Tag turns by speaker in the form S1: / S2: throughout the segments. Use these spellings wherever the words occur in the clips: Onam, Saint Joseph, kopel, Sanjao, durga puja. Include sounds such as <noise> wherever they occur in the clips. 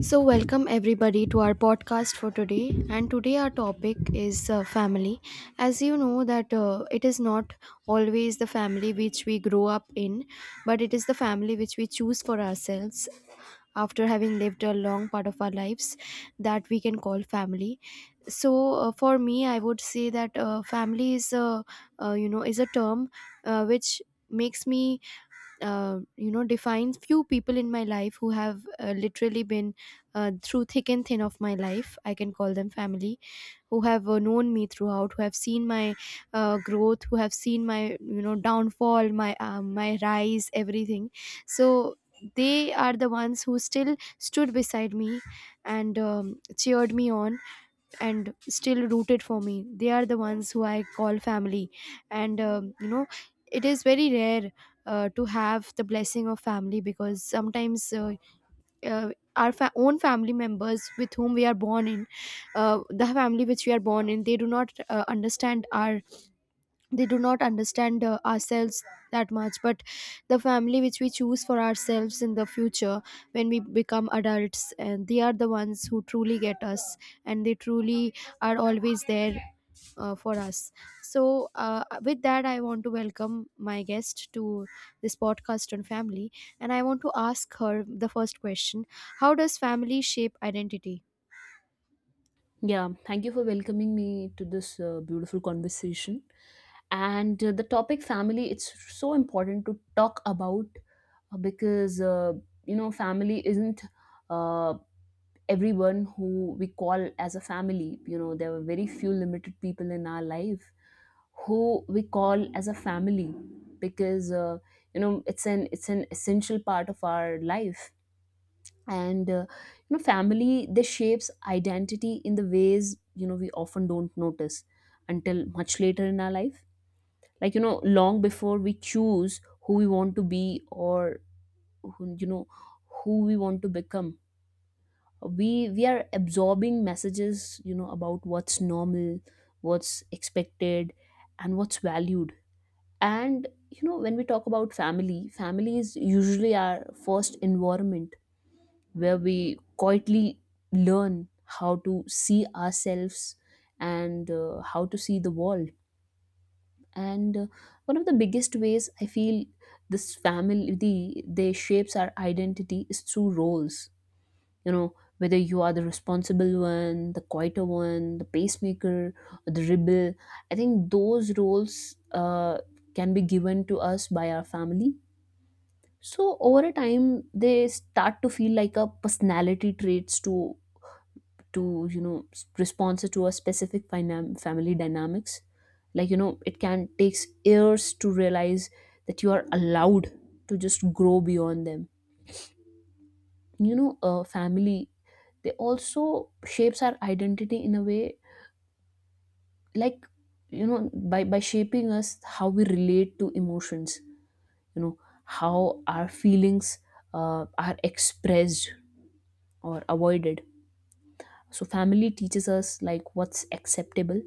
S1: So, welcome everybody to our podcast for today. And today, our topic is family. As you know, that it is not always the family which we grow up in, but it is the family which we choose for ourselves after having lived a long part of our lives that we can call family. So, for me, I would say that family is a you know is a term which makes me defines few people in my life who have literally been through thick and thin of my life. I can call them family, who have known me throughout, who have seen my growth, who have seen my downfall, my my rise, everything. So they are the ones who still stood beside me and cheered me on and still rooted for me. They are the ones who I call family. And it is very rare to have the blessing of family, because sometimes uh, own family members with whom we are born in, the family which we are born in, they do not understand our, they do not understand ourselves that much. But the family which we choose for ourselves in the future, when we become adults, and they are the ones who truly get us, and they truly are always there for us. So with that, I want to welcome my guest to this podcast on family, and I want to ask her the first question: how does family shape identity?
S2: Yeah, thank you for welcoming me to this beautiful conversation. And the topic family, it's so important to talk about, because, you know, family isn't uh, everyone who we call as a family. You know, there were very few limited people in our life who we call as a family because, you know, it's an essential part of our life. And you know, family, this shapes identity in the ways, you know, we often don't notice until much later in our life. Like, you know, long before we choose who we want to be, or who, you know who we want to become, we are absorbing messages, you know, about what's normal, what's expected, and what's valued. And you know, when we talk about family, family is usually our first environment where we quietly learn how to see ourselves, and how to see the world. And one of the biggest ways I feel this family, they shapes our identity, is through roles. You know, whether you are the responsible one, the quieter one, the pacemaker, or the rebel, I think those roles can be given to us by our family. So over a time, they start to feel like a personality traits, to you know, responsive to a specific family dynamics. Like, you know, it can takes years to realize that you are allowed to just grow beyond them. You know, a family, they also shapes our identity in a way, like, you know, by shaping us how we relate to emotions, you know, how our feelings are expressed or avoided. So family teaches us like what's acceptable.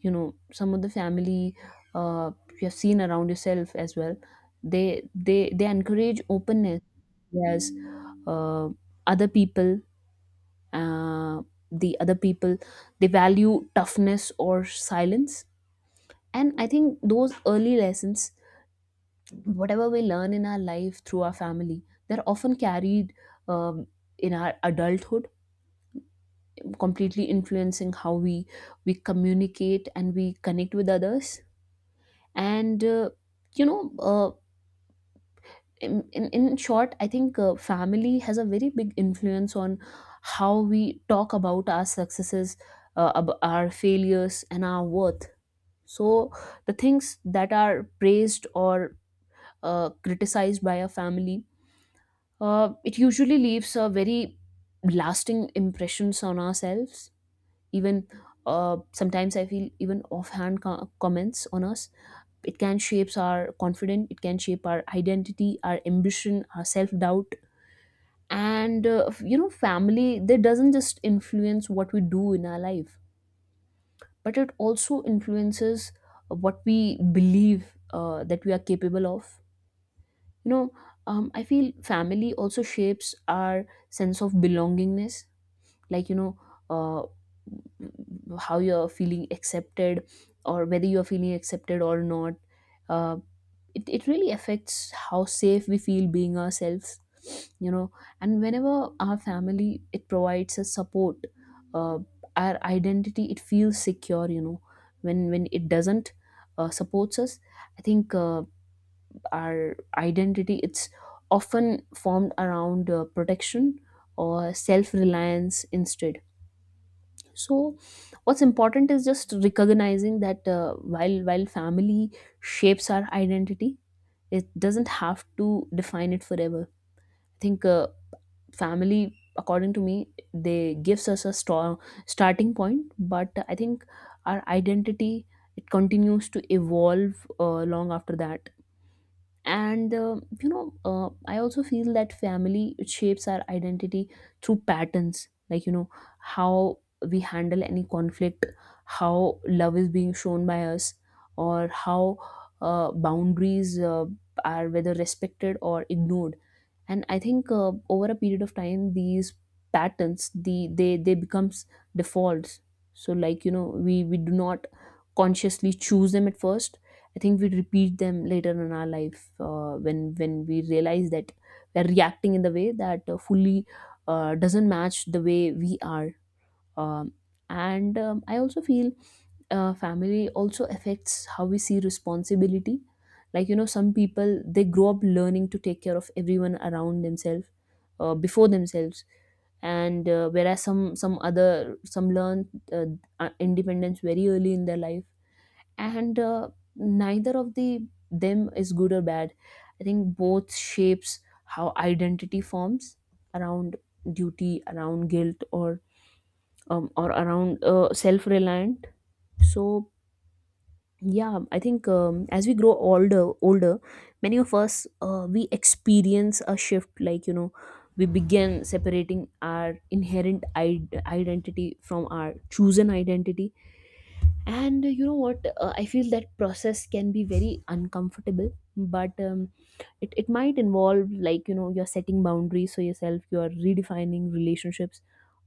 S2: You know, some of the family, uh, you have seen around yourself as well, they they encourage openness, whereas uh, other people uh, the other people, they value toughness or silence. And I think those early lessons, whatever we learn in our life through our family, they're often carried, um, in our adulthood, completely influencing how we communicate and we connect with others. And you know uh, in short, I think family has a very big influence on how we talk about our successes, our failures and our worth. So the things that are praised or criticized by a family, it usually leaves a very lasting impressions on ourselves. Even sometimes I feel even offhand comments on us, it can shape our confidence, it can shape our identity, our ambition, our self-doubt. And you know, family, they doesn't just influence what we do in our life, but it also influences what we believe that we are capable of. You know, I feel family also shapes our sense of belongingness. Like, you know, uh, how you're feeling accepted, or whether you're feeling accepted or not. Uh, it, it really affects how safe we feel being ourselves, you know. And whenever our family, it provides us support, uh, our identity, it feels secure. You know, when it doesn't supports us, I think our identity, it's often formed around protection or self reliance instead. So what's important is just recognizing that, while family shapes our identity, it doesn't have to define it forever. I think family, according to me, they gives us a strong starting point, but I think our identity, it continues to evolve long after that. And I also feel that family, it shapes our identity through patterns, like, you know, how we handle any conflict, how love is being shown by us, or how boundaries are whether respected or ignored. And I think over a period of time, these patterns, they becomes defaults. So like, you know, we do not consciously choose them at first. I think we repeat them later in our life, when we realize that we're reacting in the way that fully doesn't match the way we are. Um, and um, I also feel family also affects how we see responsibility. Like, you know, some people, they grow up learning to take care of everyone around themselves before themselves. And whereas some learn independence very early in their life. And neither of the them is good or bad, I think both shapes how identity forms around duty, around guilt, or around self-reliant. So yeah, I think as we grow older, many of us, we experience a shift. Like, you know, we begin separating our inherent identity from our chosen identity. And you know what, I feel that process can be very uncomfortable, but it might involve, like, you know, you're setting boundaries for yourself, you're redefining relationships,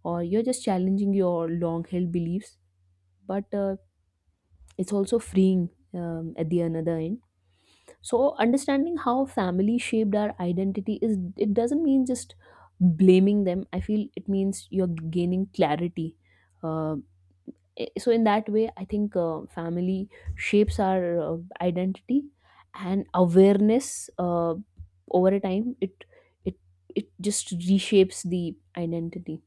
S2: or you're just challenging your long held beliefs. But it's also freeing, at the another end. So understanding how family shaped our identity is, it doesn't mean just blaming them, I feel. It means you're gaining clarity. uh, so in that way, I think family shapes our identity and awareness. Over a time, it it just reshapes the identity.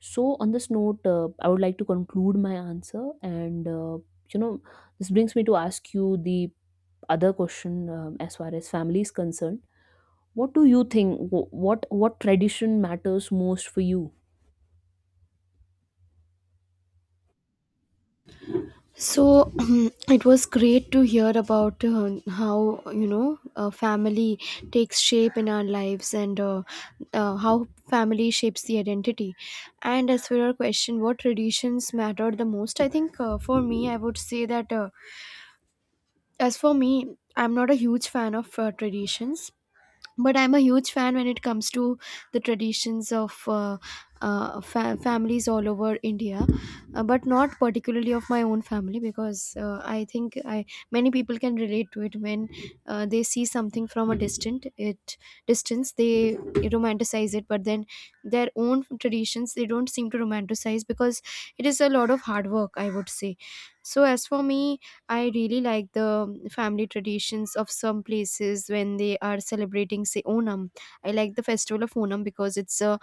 S2: So, on this note, I would like to conclude my answer. And, you know, this brings me to ask you the other question, as far as family is concerned. What do you think? What tradition matters most for you?
S1: So <clears throat> it was great to hear about how family takes shape in our lives, and how family shapes the identity. And as for your question, what traditions mattered the most? I think for me, I would say that as for me, I'm not a huge fan of traditions, but I'm a huge fan when it comes to the traditions of families all over India. Uh, but not particularly of my own family, because I think I many people can relate to it. When they see something from a distant it distance, they romanticize it, but then their own traditions they don't seem to romanticize, because it is a lot of hard work, I would say. So as for me, I really like the family traditions of some places when they are celebrating, say, Onam. I like the festival of Onam because it's a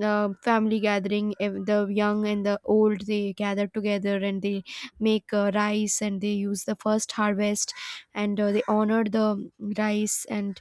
S1: family gathering. The young and the old, they gather together and they make rice, and they use the first harvest, and they honor the rice. And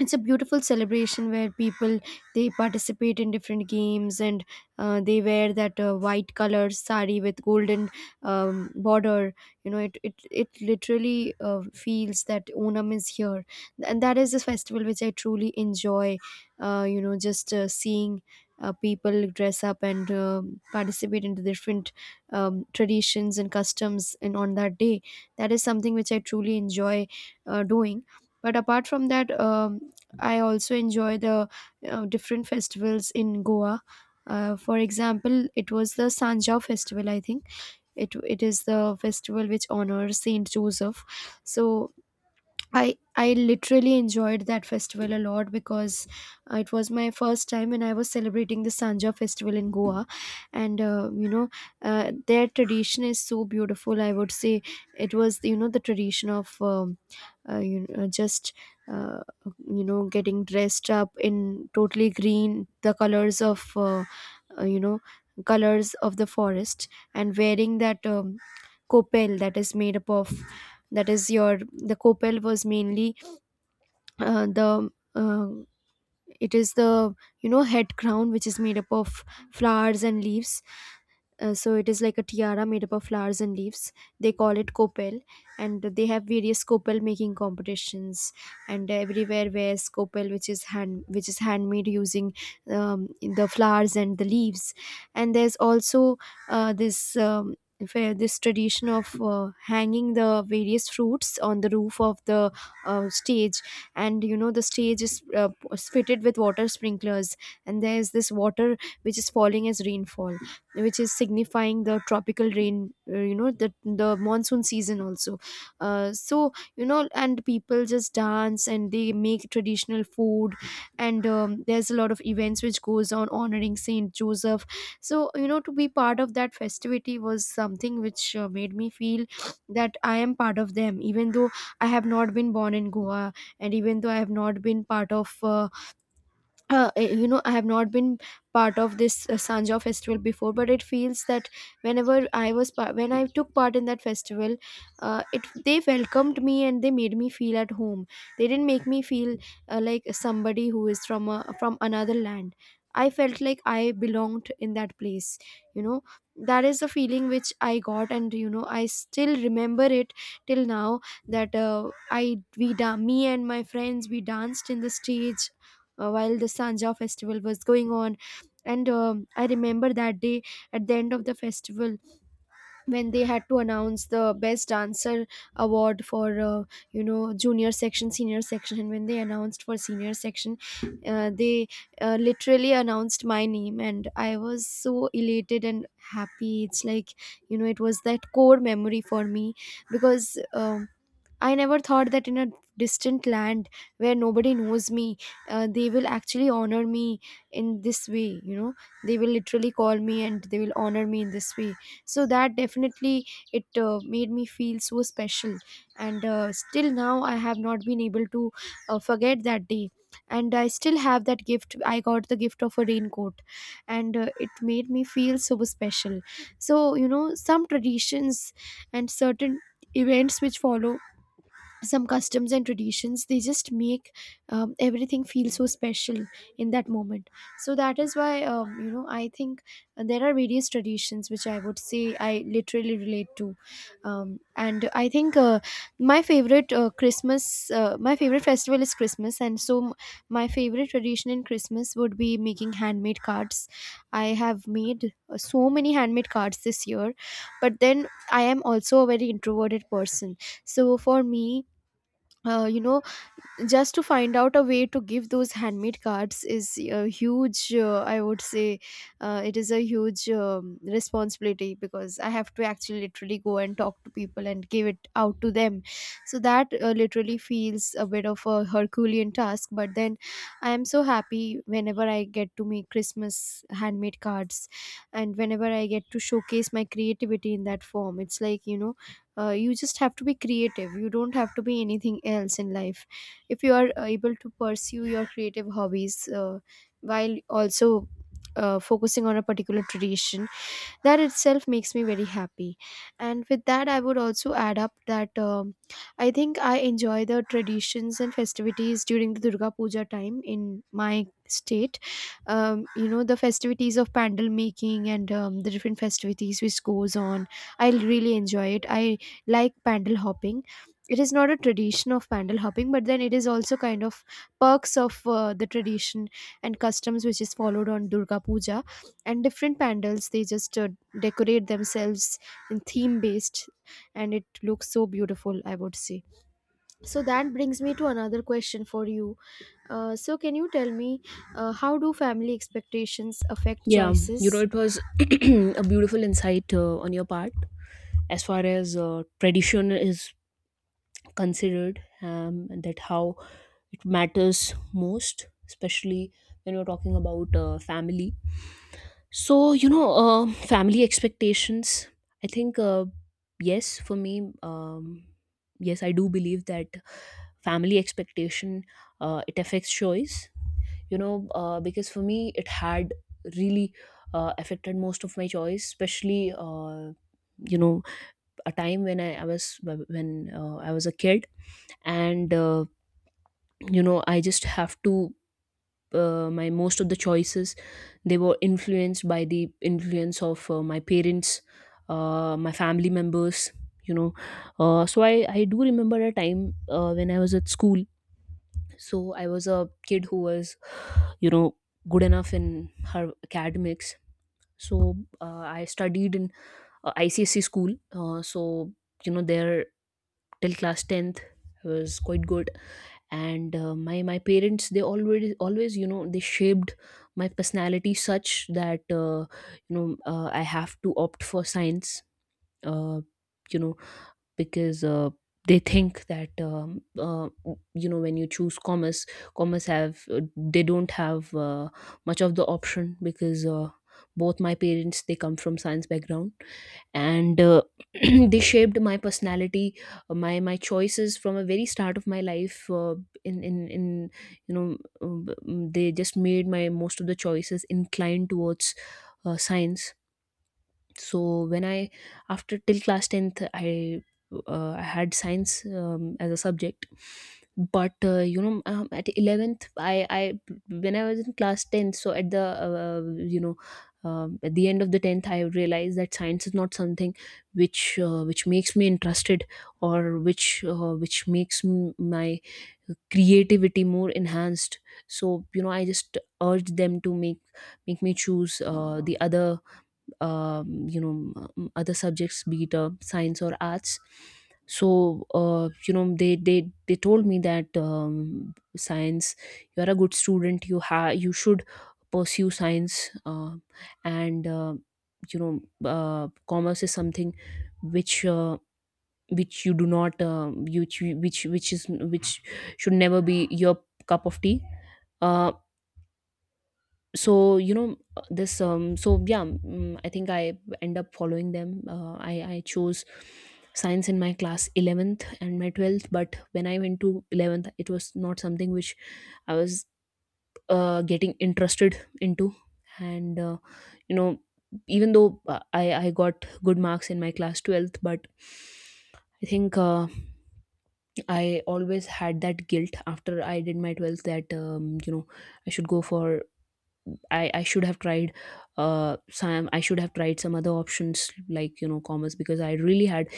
S1: it's a beautiful celebration where people, they participate in different games, and they wear that white color sari with golden border. You know, it literally feels that Onam is here. And that is a festival which I truly enjoy, just seeing people dress up and participate into different traditions and customs, and on that day, that is something which I truly enjoy doing. But apart from that, I also enjoy the different festivals in Goa. For example, it was the Sanjao festival. I think it is the festival which honors Saint Joseph. So I literally enjoyed that festival a lot, because it was my first time and I was celebrating the Sanja festival in Goa. And their tradition is so beautiful, I would say. It was, you know, the tradition of just uh, getting dressed up in totally green, the colors of uh, you know colors of the forest, and wearing that kopel, that is made up of, that is your, the kopel was mainly the uh, it is the, you know, head crown which is made up of flowers and leaves. So it is like a tiara made up of flowers and leaves. They call it kopel. And they have various kopel making competitions, and everywhere wears kopel which is handmade using um, the flowers and the leaves. And there's also this this tradition of hanging the various fruits on the roof of the stage. And you know the stage is fitted with water sprinklers, and there is this water which is falling as rainfall, which is signifying the tropical rain, the monsoon season also. So you know, and people just dance and they make traditional food, and there's a lot of events which goes on honoring Saint Joseph. So you know, to be part of that festivity was something which made me feel that I am part of them, even though I have not been born in Goa, and even though I have not been part of I have not been part of this Sanja festival before. But it feels that when I took part in that festival, it they welcomed me and they made me feel at home. They didn't make me feel like somebody who is from from another land. I felt like I belonged in that place, you know. That is the feeling which I got, and you know I still remember it till now, that i me and my friends, we danced in the stage while the Sanja festival was going on. And I remember that day, at the end of the festival, when they had to announce the best dancer award for junior section, senior section, and when they announced for senior section, they literally announced my name, and I was so elated and happy. It's like, you know, it was that core memory for me, because I never thought that in a distant land where nobody knows me, they will actually honor me in this way. You know, they will literally call me and they will honor me in this way. So that definitely it made me feel so special. And still now, I have not been able to forget that day. And I still have that gift. I got the gift of a raincoat, and it made me feel so special. So, you know, some traditions and certain events which follow some customs and traditions, they just make everything feel so special in that moment. So that is why, I think there are various traditions which I would say I literally relate to. And I think my favorite christmas my favorite festival is Christmas, and so my favorite tradition in Christmas would be making handmade cards. I have made so many handmade cards this year. But then I am also a very introverted person. So for me, uh, you know, just to find out a way to give those handmade cards is a huge I would say, it is a huge responsibility, because I have to actually literally go and talk to people and give it out to them. So that literally feels a bit of a herculean task. But then I am so happy whenever I get to make Christmas handmade cards, and whenever I get to showcase my creativity in that form. It's like, you know, you just have to be creative, you don't have to be anything else in life. If you are able to pursue your creative hobbies while also focusing on a particular tradition, that itself makes me very happy. And with that, I would also add up that I think I enjoy the traditions and festivities during the Durga Puja time in my state. You know, the festivities of pandal making, and the different festivities which goes on, I really enjoy it. I like pandal hopping. It is not a tradition of pandal hopping, but then it is also kind of perks of the tradition and customs which is followed on Durga Puja. And different pandals, they just decorate themselves in theme based, and it looks so beautiful, I would say. So that brings me to another question for you. Uh, so can you tell me how do family expectations affect
S2: Yeah, you
S1: choices?
S2: know, it was <clears throat> a beautiful insight on your part as far as tradition is considered, and that how it matters most, especially when you're talking about family. So, you know, family expectations. I think, yes, for me, yes, I do believe that family expectation, it affects choice. You know, because for me, it had really affected most of my choice, especially. You know, a time I was when I was a kid. And you know, I just have to my most of the choices, they were influenced by the influence of my parents, my family members, you know. So I do remember a time when I was at school. So I was a kid who was, you know, good enough in her academics. So I studied in icsc school. So you know, there till class 10th I was quite good. And my parents, they always you know, they shaped my personality such that you know, I have to opt for science, uh, you know, because they think that, you know, when you choose commerce, commerce have they don't have much of the option, because both my parents, they come from science background. And <clears throat> they shaped my personality, my choices, from a very start of my life, in you know, they just made my most of the choices inclined towards science. So when I after till class 10th, I had science as a subject. But you know, um, at 11th i i when I was in class 10th, so at the you know, at the end of the 10th, I realized that science is not something which makes me interested, or which my creativity more enhanced. So you know, I just urge them to make me choose the other, you know, other subjects, be it science or arts. So you know, they told me that, science, you are a good student, you should pursue science. And you know, commerce is something which uh, which you do not, which should never be your cup of tea. uh, so you know, this so yeah, I think I end up following them. I chose science in my class 11th and my 12th. But when I went to 11th, it was not something which I was getting interested into. And you know, even though I got good marks in my class 12th, but I think I always had that guilt after I did my 12th, that you know, I should go for, I should have tried some I should have tried some other options, like, you know, commerce, because I really had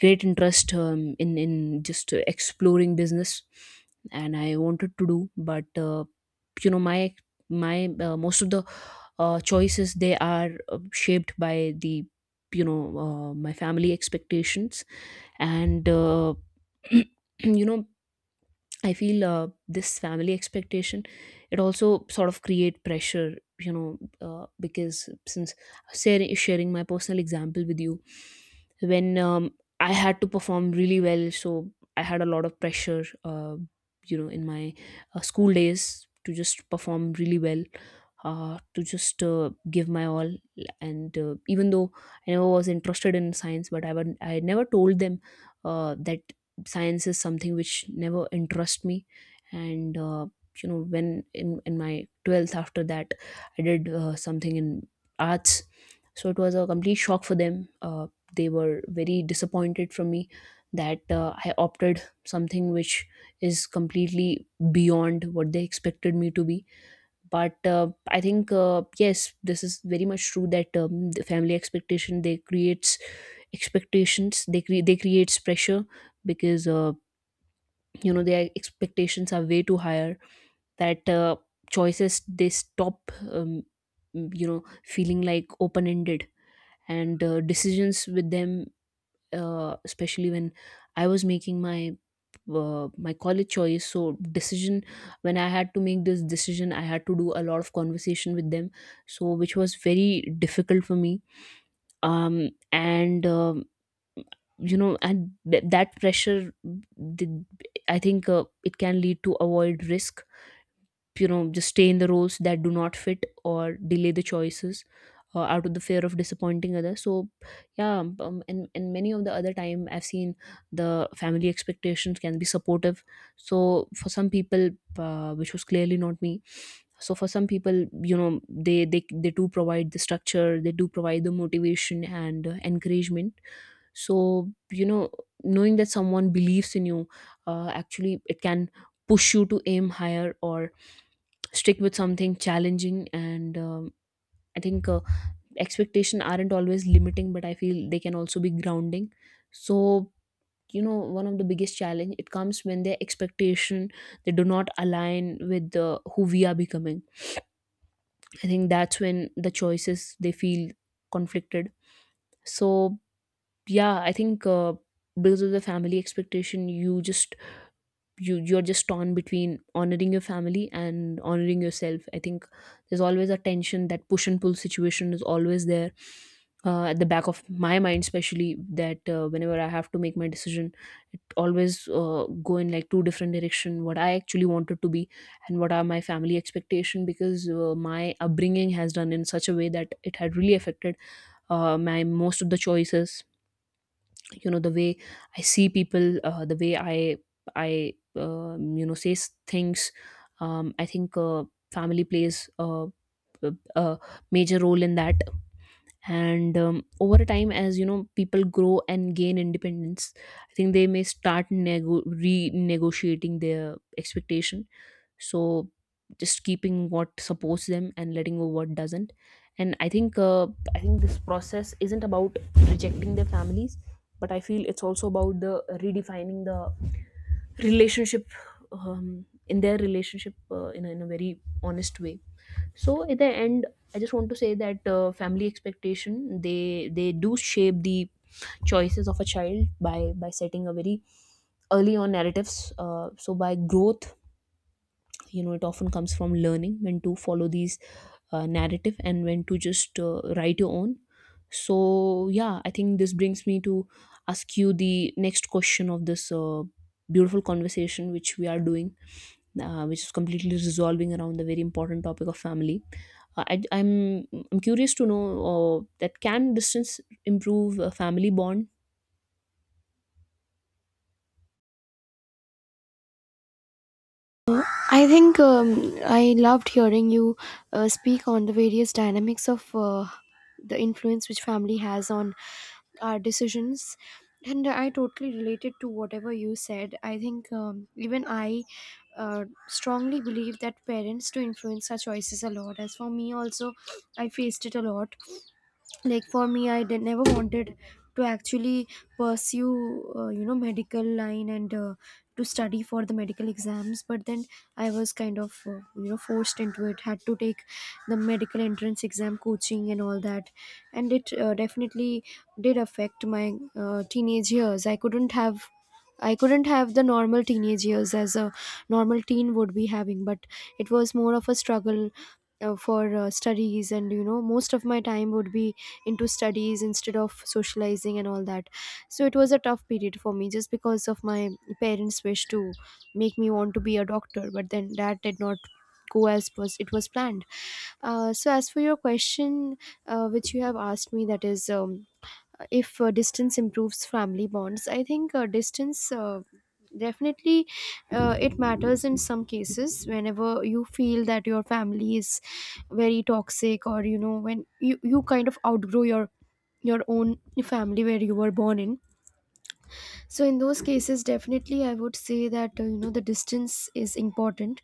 S2: great interest, in just exploring business, and I wanted to do. But you know, my most of the choices, they are shaped by the, you know, my family expectations. And <clears throat> you know, I feel This family expectation, it also sort of create pressure, you know, because since sharing my personal example with you, when I had to perform really well. So I had a lot of pressure, you know, in my school days to just perform really well, to just give my all. And even though I never was interested in science, but I never told them that science is something which never interest me. And you know, in my 12th, after that I did something in arts, so it was a complete shock for them. They were very disappointed from me that I opted something which is completely beyond what they expected me to be. But I think, yes, this is very much true that the family expectations they creates pressure. Because you know, their expectations are way too higher, that choices, they stop, you know, feeling like open ended. And decisions with them, especially when I was making my my college choice so decision. When I had to make this decision, I had to do a lot of conversation with them, so which was very difficult for me. And You know, that pressure, I think it can lead to avoid risk, you know, just stay in the roles that do not fit or delay the choices out of the fear of disappointing others. So yeah. And many of the other time I've seen the family expectations can be supportive. So for some people, which was clearly not me. So for some people, you know, they do provide the structure, they do provide the motivation and encouragement. So you know, knowing that someone believes in you, actually, it can push you to aim higher or stick with something challenging. And I think, expectation aren't always limiting, but I feel they can also be grounding. So you know, one of the biggest challenge it comes when their expectation, they do not align with who we are becoming. I think that's when the choices, they feel conflicted. So yeah, I think because of the family expectation, you just, you're just torn between honoring your family and honoring yourself. I think there's always a tension, that push and pull situation is always there at the back of my mind, especially that whenever I have to make my decision, it always go in like two different direction: what I actually wanted to be and what are my family expectation. Because my upbringing has done in such a way that it had really affected my most of the choices. You know, the way I see people, the way I you know, things. I think family plays a, a major role in that. And over a time, as you know, people grow and gain independence, I think they may start renegotiating their expectation. So just keeping what supports them and letting go what doesn't. And I think this process isn't about rejecting their families, but I feel it's also about the redefining the relationship. In their relationship in a very honest way. So at the end, I just want to say that family expectation, they do shape the choices of a child by setting a very early on narratives. So by growth, you know, it often comes from learning when to follow these narrative and when to just write your own. So yeah, I think this brings me to ask you the next question of this beautiful conversation which we are doing, which is completely resolving around the very important topic of family. uh, I, i'm I'm curious to know that can distance improve a family bond?
S1: I think, I loved hearing you speak on the various dynamics of the influence which family has on our decisions. And I totally related to whatever you said. I think, even I strongly believe that parents do influence our choices a lot. As for me, also, I faced it a lot. Like, for me, I did never wanted to actually pursue medical line, and to study for the medical exams, but then I was kind of forced into it. Had to take the medical entrance exam coaching and all that. And it definitely did affect my teenage years. I couldn't have the normal teenage years as a normal teen would be having, but it was more of a struggle for studies, and most of my time would be into studies instead of socializing and all that. So it was a tough period for me just because of my parents' wish to make me want to be a doctor, but then that did not go as was it was planned. So as for your question, which you have asked me, that is. If distance improves family bonds, I think distance, definitely, it matters in some cases whenever you feel that your family is very toxic, or you know when you kind of outgrow your own family where you were born in. So in those cases definitely, I would say that the distance is important,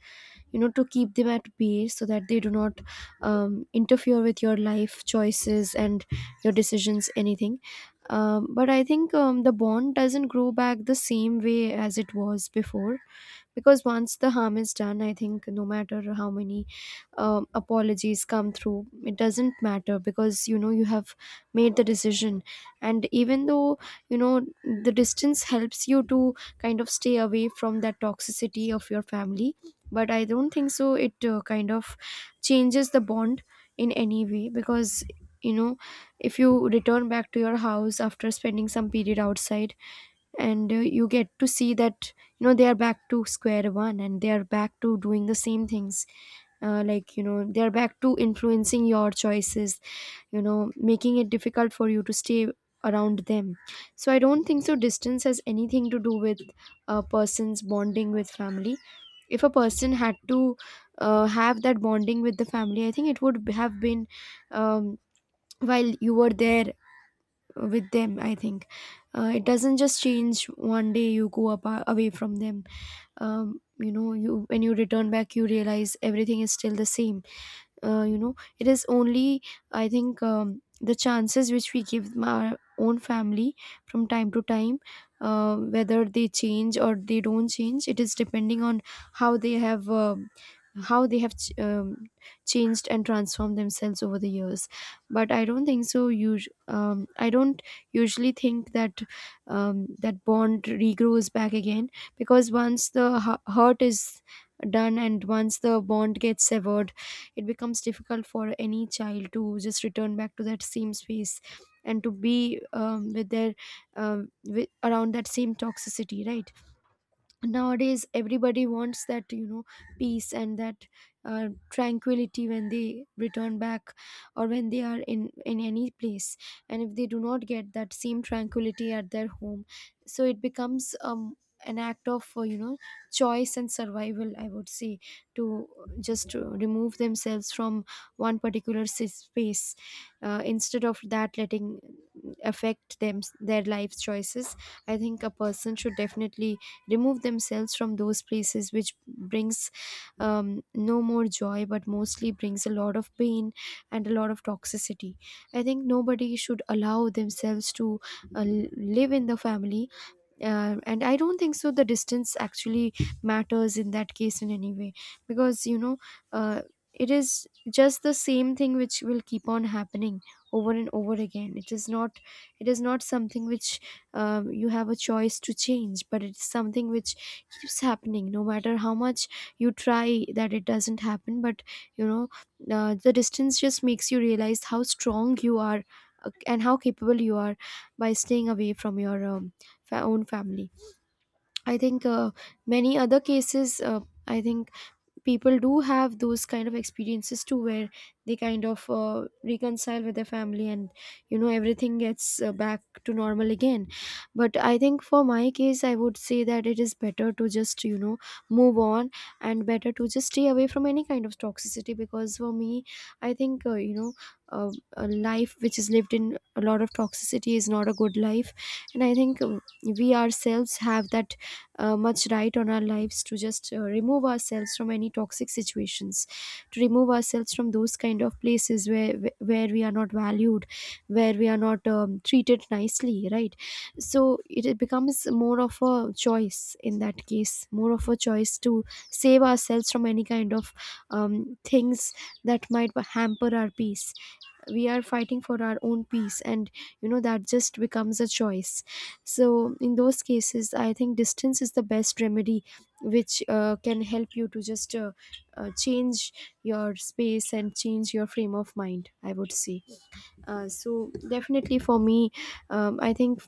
S1: to keep them at bay, so that they do not interfere with your life choices and your decisions, anything. But I think the bond doesn't grow back the same way as it was before, because once the harm is done, I think no matter how many apologies come through, it doesn't matter, because you know you have made the decision. And even though, you know the distance helps you to kind of stay away from that toxicity of your family, but I don't think so it kind of changes the bond in any way. Because you know, if you return back to your house after spending some period outside, and you get to see that, they are back to square one, and they are back to doing the same things. Like, they are back to influencing your choices, making it difficult for you to stay around them. So I don't think so distance has anything to do with a person's bonding with family. If a person had to have that bonding with the family, I think it would have been, um, while you were there with them. I think it doesn't just change one day you go up, away from them. You when you return back, you realize everything is still the same. You know, it is only, I think, the chances which we give our own family from time to time, whether they change or they don't change, it is depending on how they have um how they have changed and transformed themselves over the years. But I don't think so you I don't usually think that that bond regrows back again, because once the hurt is done, and once the bond gets severed, it becomes difficult for any child to just return back to that same space, and to be with their uh around that same toxicity, right? Nowadays everybody wants that, peace and that tranquility when they return back, or when they are in any place. And if they do not get that same tranquility at their home, so it becomes an act of choice and survival, I would say, to just remove themselves from one particular space, instead of that letting affect them their life choices. I think a person should definitely remove themselves from those places which brings no more joy but mostly brings a lot of pain and a lot of toxicity. I think nobody should allow themselves to uh, live in the family. And I don't think so the distance actually matters in that case in any way, because you know, uh, it is just the same thing which will keep on happening over and over again. It is not, it is not something which you have a choice to change, but it is something which keeps happening no matter how much you try that it doesn't happen. But you know, the distance just makes you realize how strong you are, and how capable you are by staying away from your own family. I think many other cases, I think people do have those kind of experiences too, where they kind of reconcile with their family, and you know, everything gets back to normal again. But I think for my case, I would say that it is better to just, you know, move on, and better to just stay away from any kind of toxicity. Because for me, I think, uh, a life which is lived in a lot of toxicity is not a good life. And I think we ourselves have that much right on our lives to just remove ourselves from any toxic situations, to remove ourselves from those kind of places where we are not valued, where we are not treated nicely, right? So it becomes more of a choice in that case, more of a choice to save ourselves from any kind of things that might hamper our peace. We are fighting for our own peace, and you know, that just becomes a choice. So in those cases, I think distance is the best remedy, which can help you to just change your space and change your frame of mind, I would say. So definitely for me, I think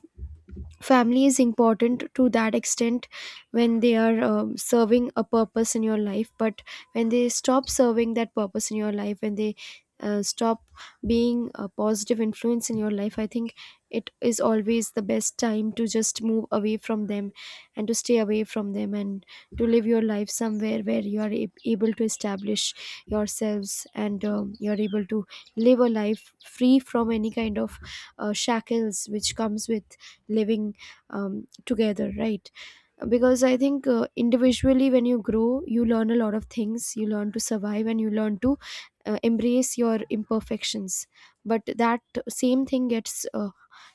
S1: family is important to that extent, when they are serving a purpose in your life. But when they stop serving that purpose in your life, when they stop being a positive influence in your life, I think it is always the best time to just move away from them, and to stay away from them, and to live your life somewhere where you are able to establish yourselves, and you are able to live a life free from any kind of shackles which comes with living together, right? Because I think individually when you grow, you learn a lot of things, you learn to survive, and you learn to embrace your imperfections. But that same thing gets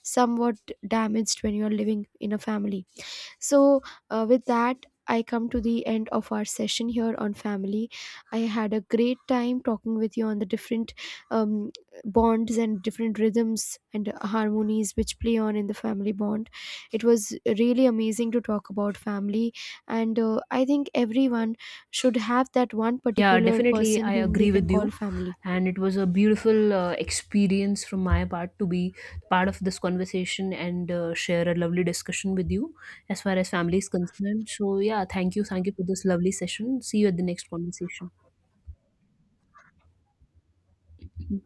S1: somewhat damaged when you are living in a family. So, with that, I come to the end of our session here on family. I had a great time talking with you on the different um, bonds and different rhythms and harmonies which play on in the family bond. It was really amazing to talk about family, and I think everyone should have that one
S2: Yeah,
S1: particular
S2: definitely.
S1: person
S2: I
S1: whom they
S2: agree
S1: can
S2: with
S1: call
S2: you.
S1: family.
S2: And it was a beautiful experience from my part to be part of this conversation and share a lovely discussion with you as far as family is concerned. So yeah, thank you. Thank you for this lovely session. See you at the next conversation.